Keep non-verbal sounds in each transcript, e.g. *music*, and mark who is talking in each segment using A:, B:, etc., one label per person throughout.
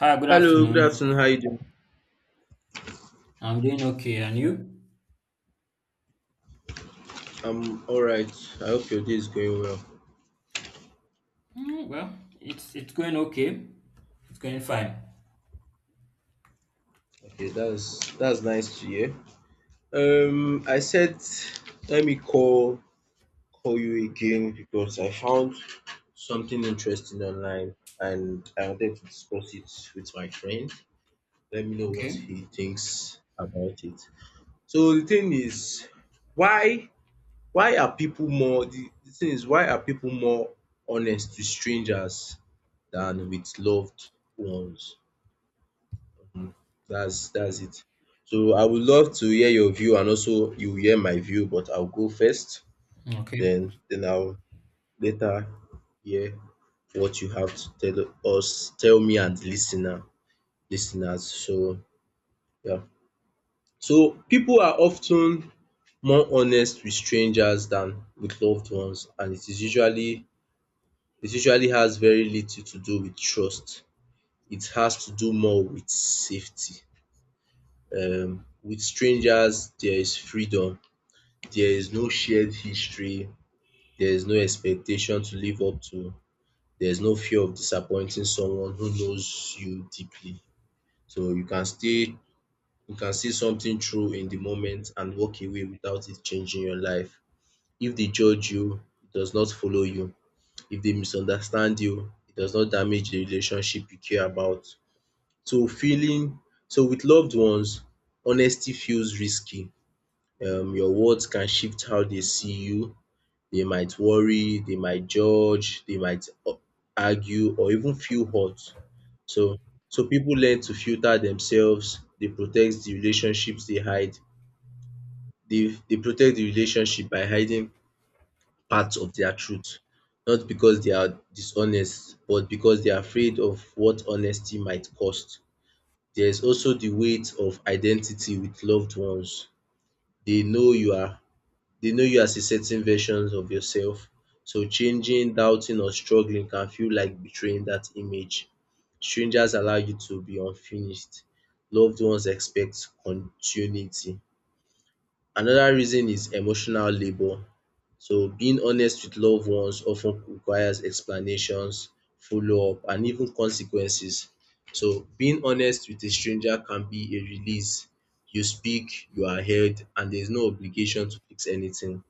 A: Hi, good
B: Hello, good
A: afternoon.
B: afternoon. How you doing?
A: I'm doing okay, and you?
B: I'm all right. I hope your day is going well.
A: Well, it's going okay. It's going fine.
B: Okay, that's nice to hear. I said let me call you again because I found something interesting online and I wanted to discuss it with my friend. Let me know what
A: Okay.
B: he thinks about it. So the thing is, why why are people more the thing is why are people more honest to strangers than with loved ones? Mm, that's it. So I would love to hear your view and also you hear my view, but I'll go first,
A: Okay.
B: then I'll later hear what you have to tell us, tell me and the listener, listeners. So yeah. So people are often more honest with strangers than with loved ones, and it usually has very little to do with trust. It has to do more with safety. With strangers, there is freedom. There is no shared history, there is no expectation to live up to, there is no fear of disappointing someone who knows you deeply. So you can see something true in the moment and walk away without it changing your life. If they judge you, it does not follow you. If they misunderstand you, it does not damage the relationship you care about. So feeling so with loved ones, honesty feels risky. Your words can shift how they see you. They might worry, they might judge, they might argue or even feel hurt. So so people learn to filter themselves. They protect the relationships they hide. They protect the relationship by hiding parts of their truth. Not because they are dishonest but because they are afraid of what honesty might cost. There is also the weight of identity with loved ones. They know you are They know you as a certain version of yourself. So changing, doubting, or struggling can feel like betraying that image. Strangers allow you to be unfinished. Loved ones expect continuity. Another reason is emotional labor. So being honest with loved ones often requires explanations, follow-up, and even consequences. So being honest with a stranger can be a release. You speak, you are heard, and there's no obligation to fix anything.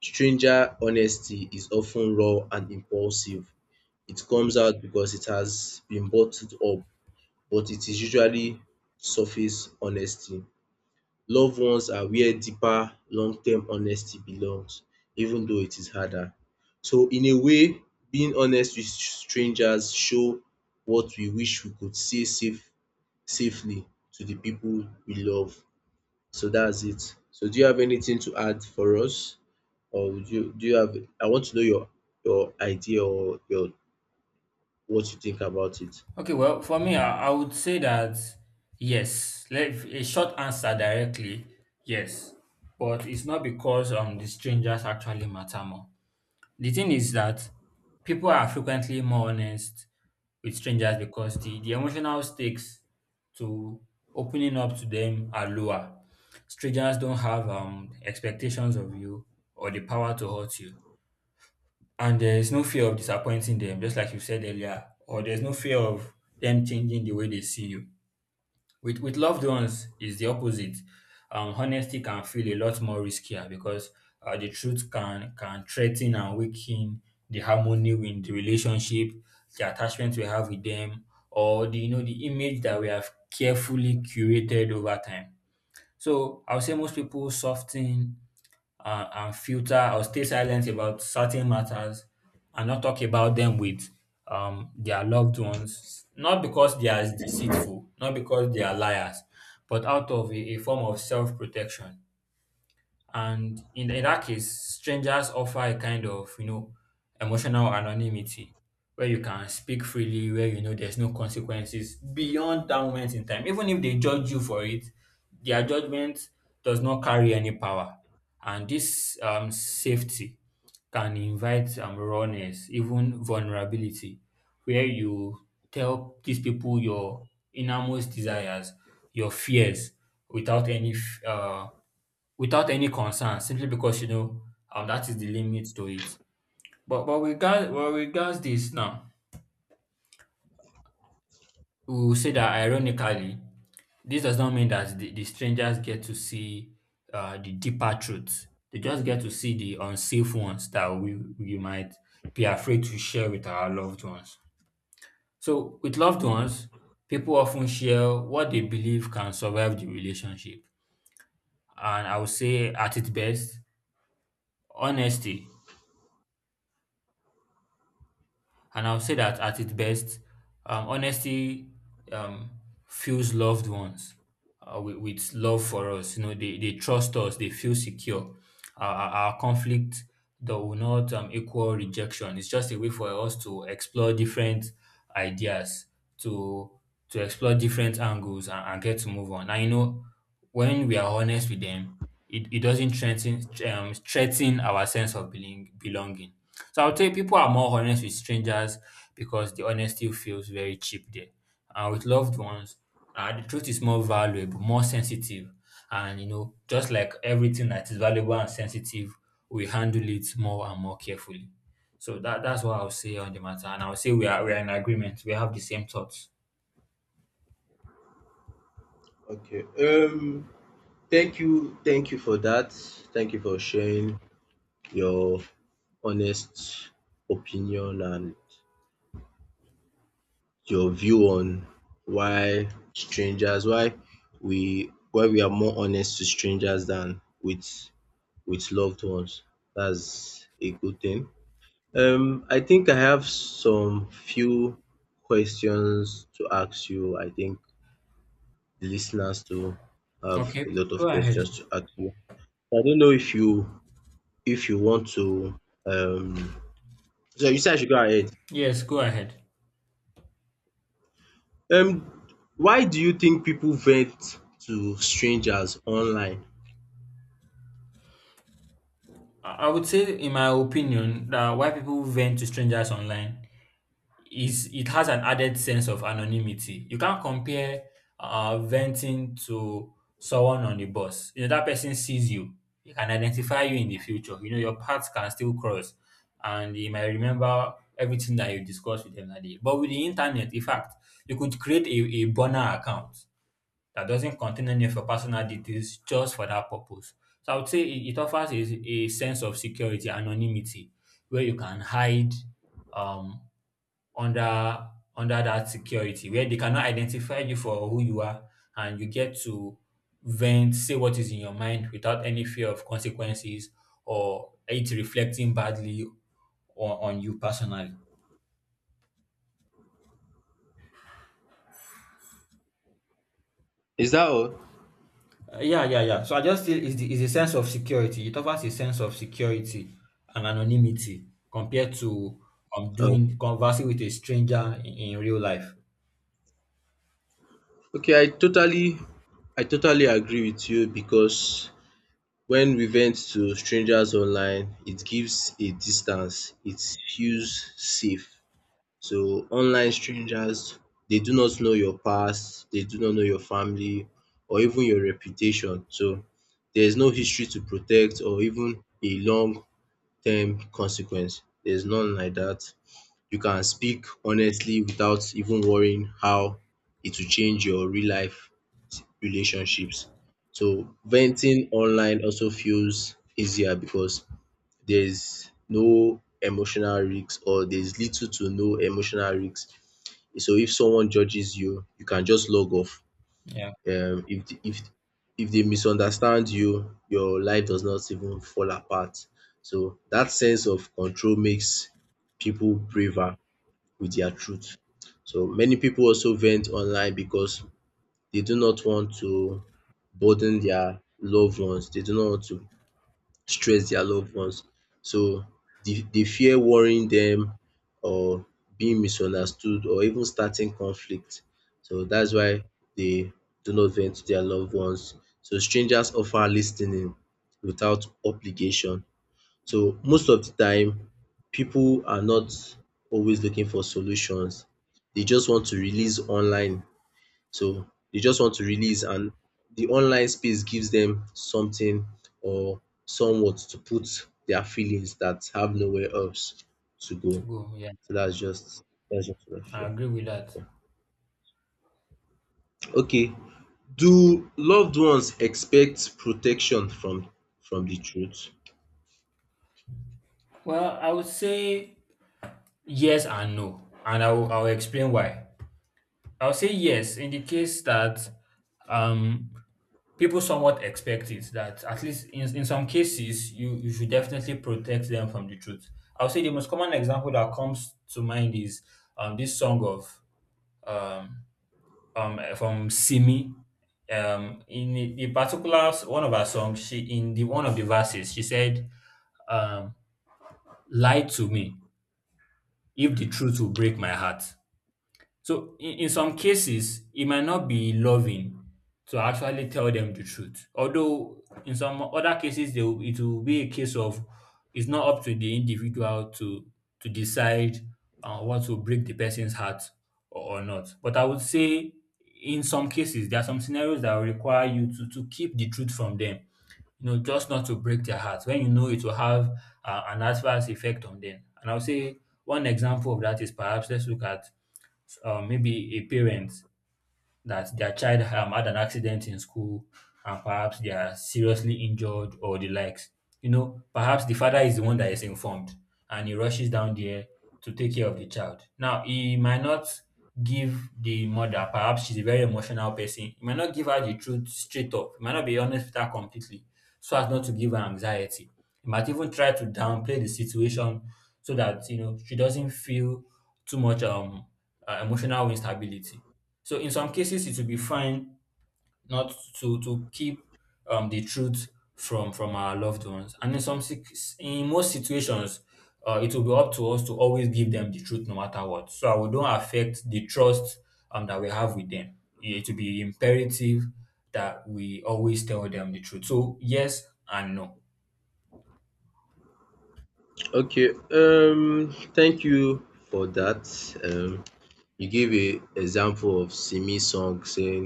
B: Stranger honesty is often raw and impulsive. It comes out because it has been bottled up, but it is usually surface honesty. Loved ones are where deeper long-term honesty belongs, even though it is harder. So in a way, being honest with strangers show what we wish we could say safely to the people we love. So that's it. So do you have anything to add for us? Or would you do you have I want to know your idea or your what you think about it.
A: Okay. Well, for me, I would say that yes. Let a short answer directly, yes. But it's not because the strangers actually matter more. The thing is that people are frequently more honest with strangers because the emotional stakes to opening up to them are lower. Strangers don't have expectations of you or the power to hurt you. And there is no fear of disappointing them, just like you said earlier, or there's no fear of them changing the way they see you. With loved ones is the opposite. Honesty can feel a lot more riskier because the truth can threaten and weaken the harmony in the relationship, the attachment we have with them, or the the image that we have carefully curated over time. So I would say most people soften and filter or stay silent about certain matters and not talk about them with their loved ones, not because they are deceitful, not because they are liars, but out of a form of self protection. And in that case, strangers offer a kind of, you know, emotional anonymity where you can speak freely, where you know there's no consequences beyond that moment in time. Even if they judge you for it, their judgment does not carry any power. And this safety can invite rawness, even vulnerability, where you tell these people your innermost desires, your fears, without any f- uh, without any concern simply because you know that is the limit to it. But regard well regards this now, we will say that ironically, this does not mean that the strangers get to see the deeper truths. They just get to see the unsafe ones that we might be afraid to share with our loved ones. So with loved ones, people often share what they believe can survive the relationship. And I would say at its best, honesty And I'll say that at its best, honesty um, fuels loved ones with love for us. You know, they trust us, they feel secure. Our conflict that will not equal rejection. It's just a way for us to explore different ideas, to to explore different angles and get to move on. And you know, when we are honest with them, it doesn't threaten our sense of belonging. So I would say people are more honest with strangers because the honesty feels very cheap there. And with loved ones, the truth is more valuable, more sensitive. And, you know, just like everything that is valuable and sensitive, we handle it more and more carefully. So that's what I'll say on the matter. And I'll say we are in agreement. We have the same thoughts.
B: Okay. Thank you for that. Thank you for sharing your honest opinion and your view on why strangers why why we are more honest to strangers than with loved ones. That's a good thing. I think I have some few questions to ask you. I think the listeners too have
A: Okay,
B: a lot
A: go
B: of
A: ahead.
B: questions to ask you. I don't know if you want to um so you said I should go ahead.
A: Yes, go ahead.
B: Um why do you think people vent to strangers online?
A: I would say, in my opinion, that why people vent to strangers online is it has an added sense of anonymity. You can't compare venting to someone on the bus. You know, that person sees you, he can identify you in the future. You know, your paths can still cross and he might remember everything that you discussed with him that day. But with the internet, in fact, you could create a burner account that doesn't contain any of your personal details just for that purpose. So I would say it offers a sense of security, anonymity, where you can hide um under under that security where they cannot identify you for who you are and you get to vent, say what is in your mind without any fear of consequences or it reflecting badly on you personally.
B: Is that all?
A: Yeah, yeah, yeah. So I just feel it's a sense of security. It offers a sense of security and anonymity compared to
B: Oh,
A: doing conversing with a stranger in real life.
B: okay, I totally agree with you because when we vent to strangers online, it gives a distance, it feels safe. So online strangers, they do not know your past, they do not know your family or even your reputation. So there is no history to protect or even a long term consequence. There's none like that. You can speak honestly without even worrying how it will change your real life relationships. So venting online also feels easier because there's little to no emotional risks. So if someone judges you, you can just log off.
A: Yeah,
B: If if they misunderstand you, your life does not even fall apart. So that sense of control makes people braver with their truth. So many people also vent online because they do not want to burden their loved ones. They do not want to stress their loved ones. So they fear worrying them or being misunderstood or even starting conflict. So that's why they do not vent to their loved ones. So strangers offer listening without obligation. So most of the time people are not always looking for solutions, they just want to release online. So they just want to release and the online space gives them something or somewhat to put their feelings that have nowhere else to
A: to
B: go.
A: go. Yeah,
B: So that's just what I
A: I
B: feel.
A: agree with that.
B: Okay, do loved ones expect protection from the truth?
A: Well, I would say yes and no, and I will explain why. I'll say yes in the case that um, people somewhat expect it, that at least in some cases, you should definitely protect them from the truth. I'll say the most common example that comes to mind is this song of um, from Simi. In the particular one of her songs, she in the one of the verses, she said, um, "Lie to me if the truth will break my heart." So in some cases, it might not be loving to actually tell them the truth. Although in some other cases, it will be a case of it's not up to the individual to decide what will break the person's heart or not. But I would say in some cases, there are some scenarios that will require you to keep the truth from them. You know, just not to break their heart when you know it will have an adverse effect on them. And I'll say one example of that is perhaps let's look at maybe a parent that their child had an accident in school and perhaps they are seriously injured or the likes. You know, perhaps the father is the one that is informed and he rushes down there to take care of the child. Now, he might not give the mother, perhaps she's a very emotional person, he might not give her the truth straight up, he might not be honest with her completely so as not to give her anxiety. He might even try to downplay the situation so that, you know, she doesn't feel too much emotional instability. So in some cases, it will be fine not to keep the truth from our loved ones, and in in most situations, it will be up to us to always give them the truth no matter what. So I we don't affect the trust that we have with them. It will be imperative that we always tell them the truth. So yes and no.
B: Okay, thank you for that. Um You give a example of Simi song saying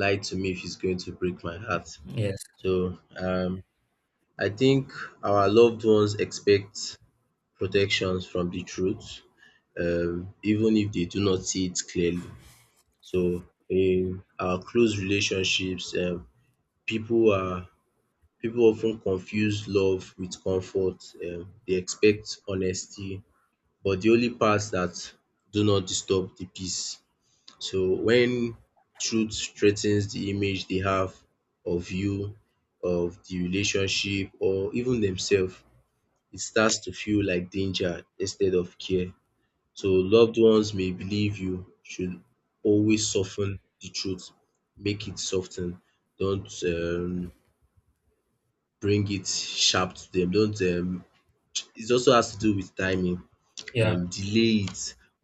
B: lie to me if it's going to break my heart.
A: Hmm. Yes.
B: So I think our loved ones expect protections from the truth even if they do not see it clearly. So in our close relationships pipu are people often confuse love with comfort. They expect honesty but the only parts that do not disturb the peace. So when truth threatens the image they have of you, of the relationship or even themselves, it starts to feel like danger instead of care. So loved ones may believe you should always soften the truth, make it soften, don't bring it sharp to them, don't it also has to do with timing,
A: Yeah.
B: delay it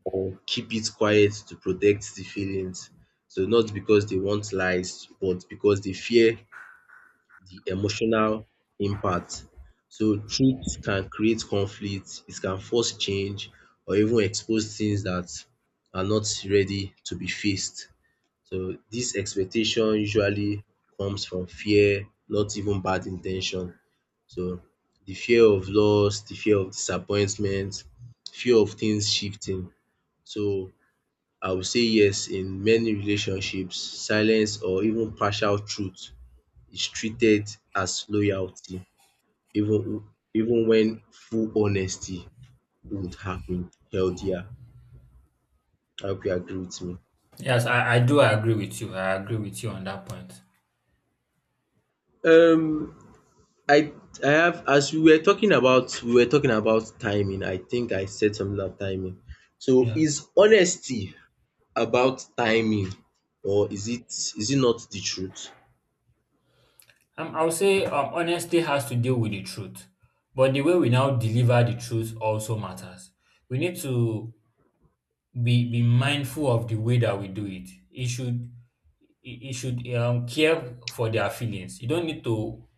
B: or keep it quiet to protect the feelings. So not because they want lies, but because they fear the emotional impact. So truth can create conflict, it can force change or even expose things that are not ready to be faced. So this expectation usually comes from fear, not even bad intention. So the fear of loss, the fear of disappointment, fear of things shifting. So I would say yes, in many relationships, silence or even partial truth is treated as loyalty, even even when full honesty would have been healthier. I hope you agree with me.
A: Yes. I do agree with you. I agree with you on that point.
B: Um, I I have as we were talking about timing. I think I said something about timing. So
A: Yeah.
B: is honesty about timing or is it not the truth?
A: I would say honesty has to deal with the truth, but the way we now deliver the truth also matters. We need to be mindful of the way that we do it. It should it should care for their feelings. You don't need to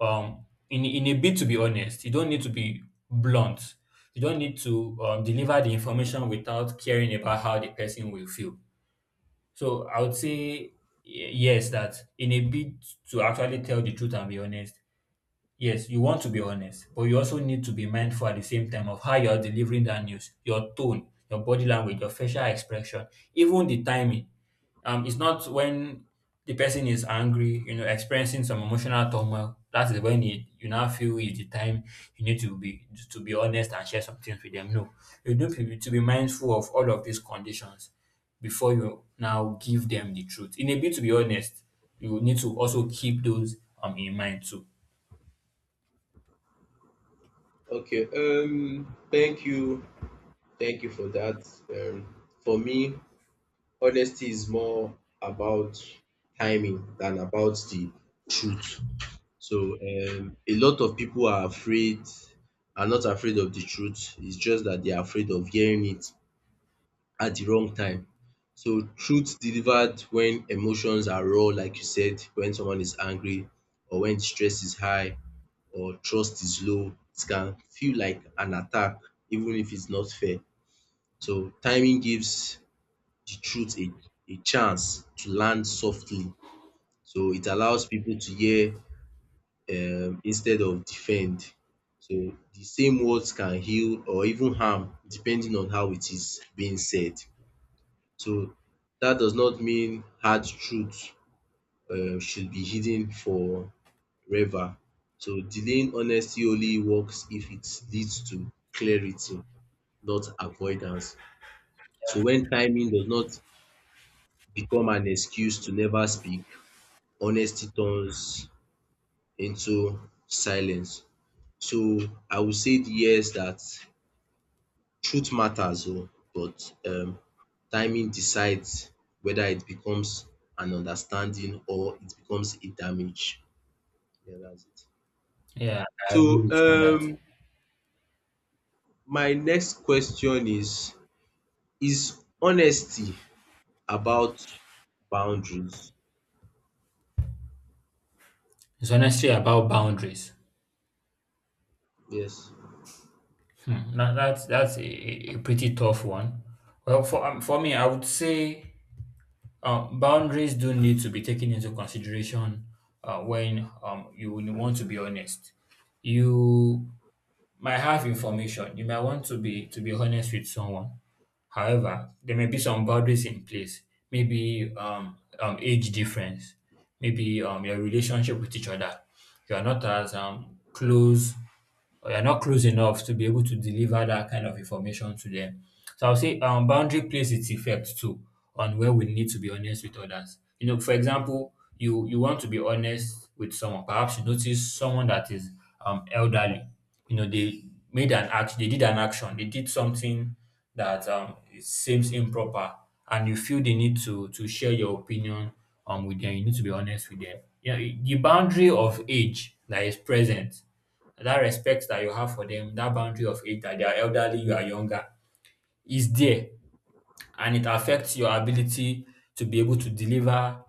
A: in a bit to be honest. You don't need to be blunt. You don't need to deliver the information without caring about how the person will feel. So I would say yes, that in a bit to actually tell the truth and be honest. Yes, you want to be honest, but you also need to be mindful at the same time of how you are delivering that news, your tone, your body language, your facial expression, even the timing. It's not when the person is angry, you know, experiencing some emotional turmoil. That is when you now feel is the time you need to be honest and share some things with them. No, you need to be mindful of all of these conditions before you now give them the truth. In a bit, to be honest, you need to also keep those in mind too.
B: Okay. Thank you. Thank you for that. For me, honesty is more about timing than about the truth. So a lot of people are not afraid of the truth. It's just that they are afraid of hearing it at the wrong time. So truth delivered when emotions are raw, like you said, when someone is angry or when stress is high or trust is low, it can feel like an attack, even if it's not fair. So timing gives the truth a chance to land softly. So it allows people to hear instead of defend. So the same words can heal or even harm depending on how it is being said. So that does not mean hard truth should be hidden forever. So delaying honesty only works if it leads to clarity, not avoidance. So when timing does not become an excuse to never speak, honesty turns into silence. So I would say the yes that truth matters oo but timing decides whether it becomes an understanding or it becomes a damage. Yeah, that's it.
A: Yeah, I agree
B: So
A: with you on that.
B: my next question is honesty about boundaries?
A: It's honestly about boundaries.
B: Yes.
A: Hmm. Now that's a pretty tough one. Well, for me, I would say boundaries do need to be taken into consideration when you would want to be honest. You might have information. You might want to be honest with someone. However, there may be some boundaries in place. Maybe age difference. Maybe your relationship with each other. You are not as close or you're not close enough to be able to deliver that kind of information to them. So I'll say boundary plays its effect too on where we need to be honest with others. You know, for example, you want to be honest with someone. Perhaps you notice someone that is elderly. You know, they made an act, they did an action, they did something that it seems improper, and you feel the need to share your opinion with them. You need to be honest with them. Yeah, the boundary of age that is present, that respect that you have for them, that boundary of it that they are elderly, you are younger, is there. And it affects your ability to be able to deliver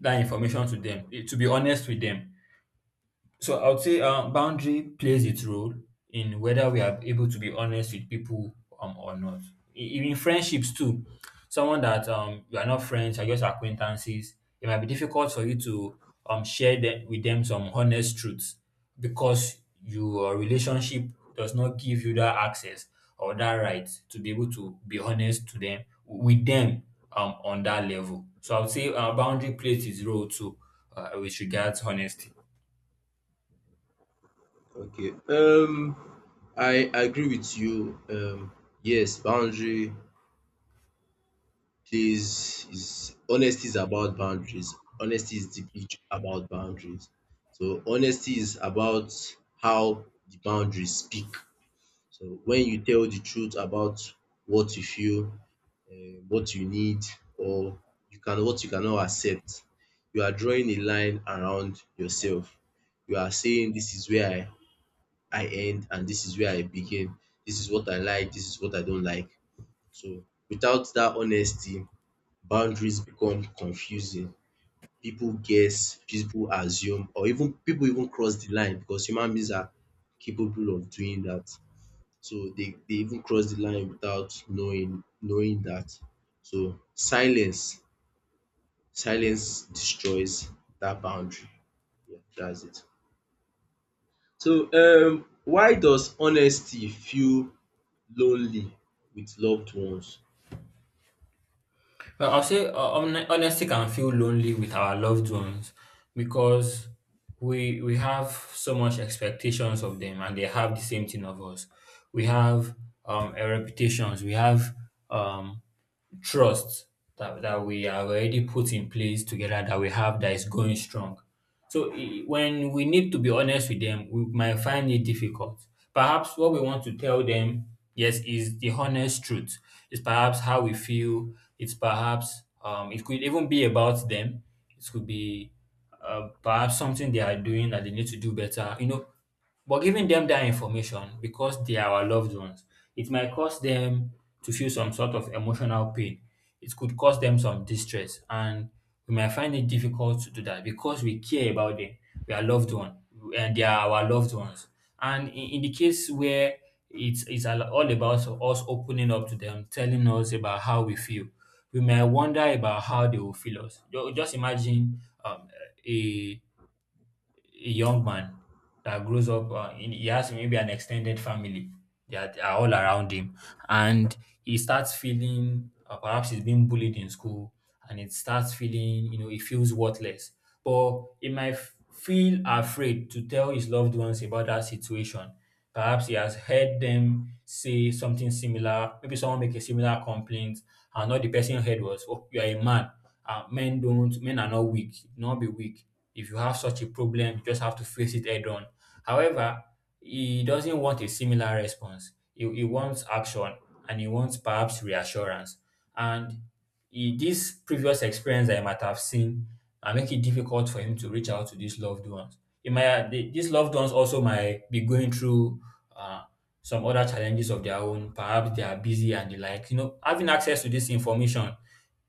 A: that information to them, to be honest with them. So I would say boundary plays its role in whether we are able to be honest with people , or not. In friendships too, someone that you are not friends, you are just acquaintances, it might be difficult for you to share them, with them some honest truths because your relationship does not give you that access or that right to be able to be honest to them with them on that level. So I would say boundary plays its role too with regards honesty.
B: Okay. I agree with you. Yes, boundary plays is honesty is about boundaries. Honesty is deeply about boundaries. So honesty is about how the boundaries speak. So when you tell the truth about what you feel, what you need, or you can what you cannot accept, you are drawing a line around yourself. You are saying this is where I end and this is where I begin. This is what I like, this is what I don't like. So without that honesty, boundaries become confusing. People guess, people assume, or even people even cross the line because human beings are capable of doing that. So they even cross the line without knowing that. So silence destroys that boundary. Yeah, that's it. So why does honesty feel lonely with loved ones.
A: Well, I'll say honesty can feel lonely with our loved ones because we have so much expectations of them, and they have the same thing of us. We have a reputations, we have um, trust that we have already put in place together that we have that is going strong. So when we need to be honest with them, we might find it difficult. Perhaps what we want to tell them, yes, is the honest truth. It's perhaps how we feel. It's perhaps it could even be about them. It could be perhaps something they are doing that they need to do better. You know, but giving them that information because they are our loved ones, it might cause them to feel some sort of emotional pain. It could cause them some distress, and we might find it difficult to do that because we care about them. We are loved one, and they are our loved ones. And in the case where it's all about us opening up to them, telling us about how we feel, we might wonder about how they will feel us. Just imagine a a young man that grows up in he has maybe an extended family that are all around him and he starts feeling perhaps he's being bullied in school and it starts feeling you know he feels worthless but he might feel afraid to tell his loved ones about that situation. Perhaps he has heard them say something similar. Maybe someone make a similar complaint, and all the person heard was, "Oh, you are a man. Men don't. Men are not weak. Not be weak. If you have such a problem, you just have to face it head on." However, he doesn't want a similar response. He wants action, and he wants perhaps reassurance. And E dis previous experience dat e might have seen na make it difficult for him to reach out to these loved ones. E might these loved ones also might be going through uh, some other challenges of their own. Perhaps they are busy and the like. You know, having access to this information,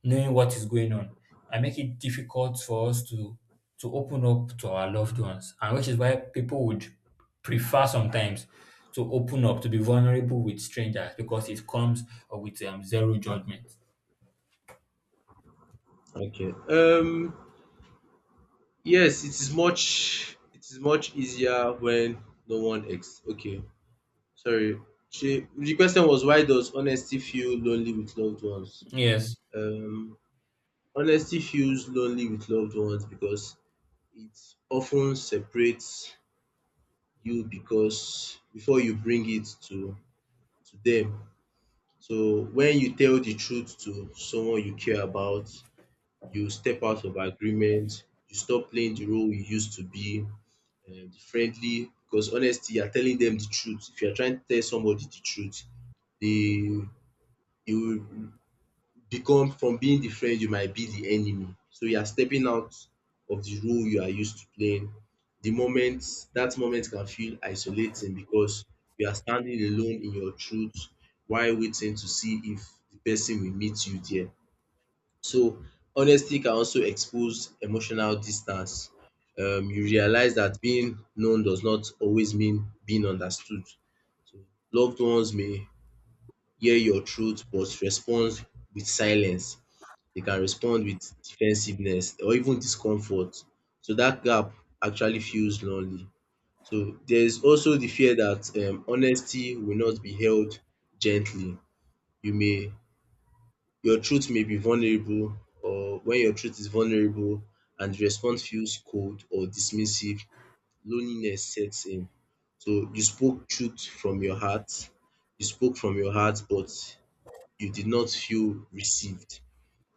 A: knowing what is going on might make it difficult for us to open up to our loved ones and which is why people would prefer sometimes to open up, to be vulnerable with strangers because it comes with zero judgement.
B: Okay. Yes, it is much easier when no one ex okay. Sorry. She, the question was why does honesty feel lonely with loved ones?
A: Yes.
B: Um, honesty feels lonely with loved ones because it often separates you because before you bring it to them. So when you tell the truth to someone you care about, you step out of agreement, you stop playing the role you used to be friendly because honestly you are telling them the truth. If you are trying to tell somebody the truth, they you become from being the friend you might be the enemy. So you are stepping out of the role you are used to playing. The moment That moment can feel isolating because you are standing alone in your truth while waiting to see if the person will meet you there. So honesty can also expose emotional distance. You realize that being known does not always mean being understood. So loved ones may hear your truth but respond with silence. They can respond with defensiveness or even discomfort. So that gap actually feels lonely. So there is also the fear that honesty will not be held gently. You may your truth may be vulnerable or when your truth is vulnerable and the response feels cold or dismissive, loneliness sets in. So you spoke truth from your heart, you spoke from your heart, but you did not feel received.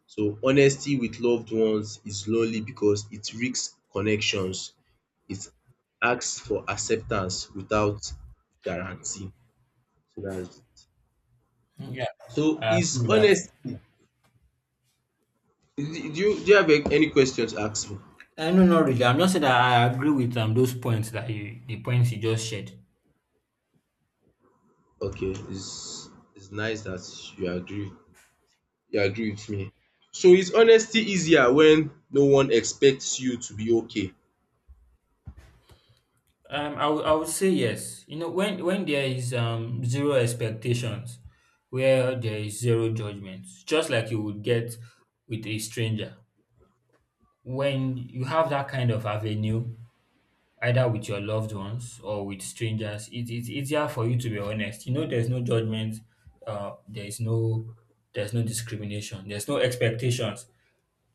B: So honesty with loved ones is lonely because it risks connections. It asks for acceptance without guarantee. So that's it.
A: Yeah,
B: So
A: I
B: is
A: agree with that.
B: honest Do you have any questions to ask me?
A: No, not really. I'm just saying that I agree with those points that you the points you just shared.
B: Okay, it's nice that you agree you agree with me. So is honesty easier when no one expects you to be okay?
A: I would say yes. You know, when there is zero expectations, where there is zero judgments, just like you would get with a stranger. When you have that kind of avenue, either with your loved ones or with strangers, it's easier for you to be honest. You know, there's no judgment. Uh, there is no there's no discrimination. There's no expectations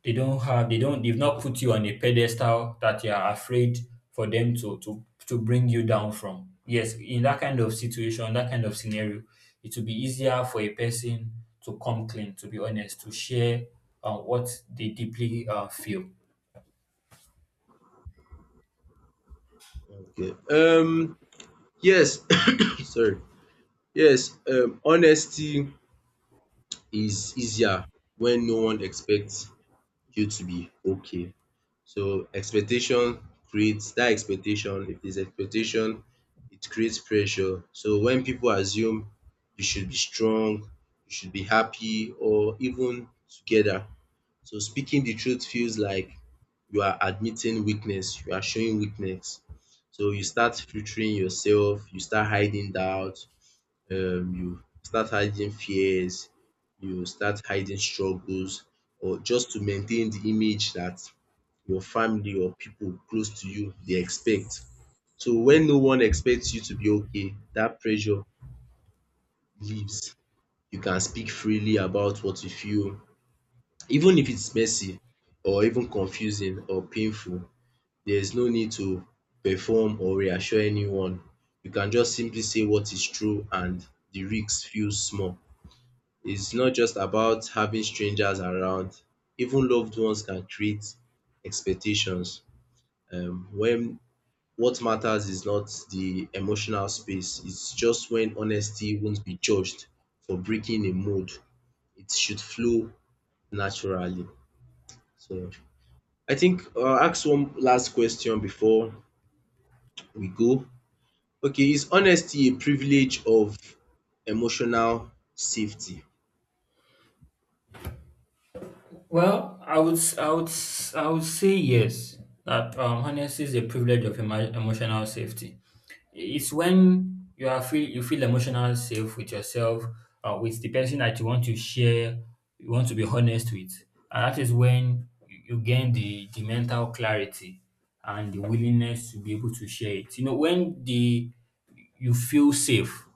A: they don't have they don't they've not put you on a pedestal that you are afraid for them to bring you down from, yes, in that kind of situation, that kind of scenario it will be easier for a person to come clean, to be honest, to share what they deeply feel.
B: Okay. Yes *coughs* sorry. Yes, honesty is easier when no one expects you to be okay. So expectation creates that expectation, if there's expectation it creates pressure. So when people assume you should be strong, you should be happy or even together. So speaking the truth feels like you are admitting weakness, you are showing weakness. So you start filtering yourself, you start hiding doubt, you start hiding fears, you start hiding struggles or just to maintain the image that your family or people close to you dey expect. So when no one expects you to be okay, that pressure leaves. You can speak freely about what you feel even if it's messy or even confusing or painful. There's no need to perform or reassure anyone. You can just simply say what is true and the risks feel small. It's not just about having strangers around. Even loved ones can create expectations when What matters is not the emotional space, it's just when honesty won't be judged for breaking a mold. It should flow naturally. So I think I ask one last question before we go. Okay, is honesty a privilege of emotional safety?
A: Well, I would say yes. That honesty is a privilege of emotional safety. It's when you feel emotional safe with yourself, with the person that you want to share, you want to be honest with, and that is when you gain the mental clarity and the willingness to be able to share it. You know, when the you feel safe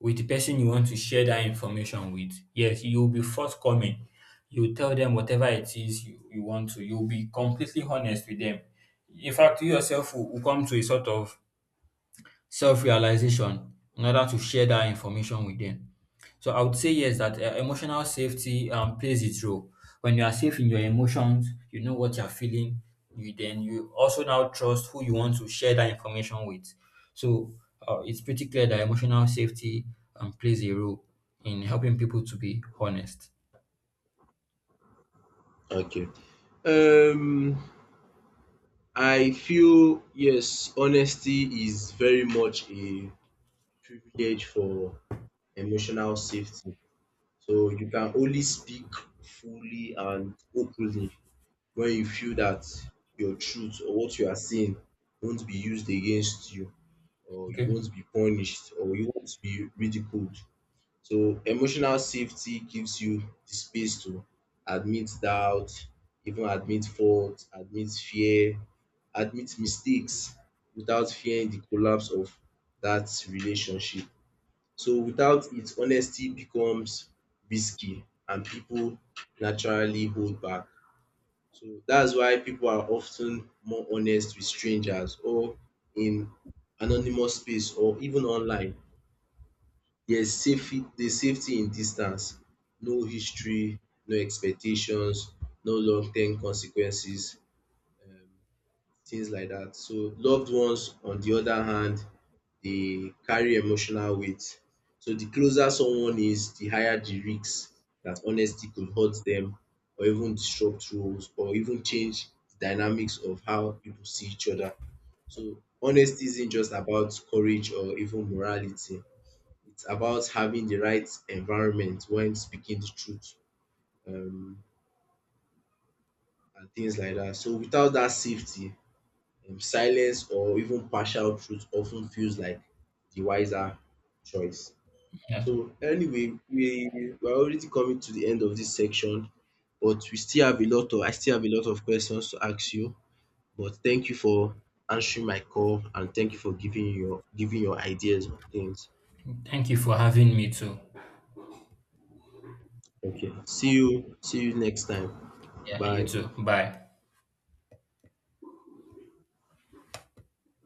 A: with the person you want to share that information with. Yes, you'll be forthcoming. You'll tell them whatever it is you want to. You'll be completely honest with them. In fact, you yourself will come to a sort of self realization in order to share that information with them. So I would say yes, that emotional safety plays its role. When you are safe in your emotions, you know what you're feeling. You also now trust who you want to share that information with. So it's pretty clear that emotional safety plays a role in helping people to be honest.
B: Okay. Um, I feel yes, honesty is very much a privilege for emotional safety. So you can only speak fully and openly when you feel that your truth or what you are saying won't be used against you, or you
A: Okay.
B: won't be punished, or you won't be ridiculed. So emotional safety gives you the space to admit doubt, even admit fault, admit fear, admit mistakes without fearing the collapse of that relationship. So without it, honesty becomes risky and people naturally hold back. So that's why people are often more honest with strangers or in anonymous space or even online. There's safety in distance, no history, no expectations, no long term consequences. uh, Things like that. So loved ones on the other hand they carry emotional weight. So the closer someone is, the higher the risk that honesty could hurt them, or even disrupt roles or even change the dynamics of how people see each other. So honesty isn't just about courage or even morality. It's about having the right environment when speaking the truth um and things like that. So without that safety, silence or even partial truth often feels like the wiser choice.
A: Yeah.
B: So anyway, we're already coming to the end of this section, but we still have a lot of I still have a lot of questions to ask you. But thank you for answering my call and thank you for giving your ideas on things.
A: Thank you for having me too.
B: Okay. See you next time.
A: Yeah. You
B: Bye.
A: too. Bye.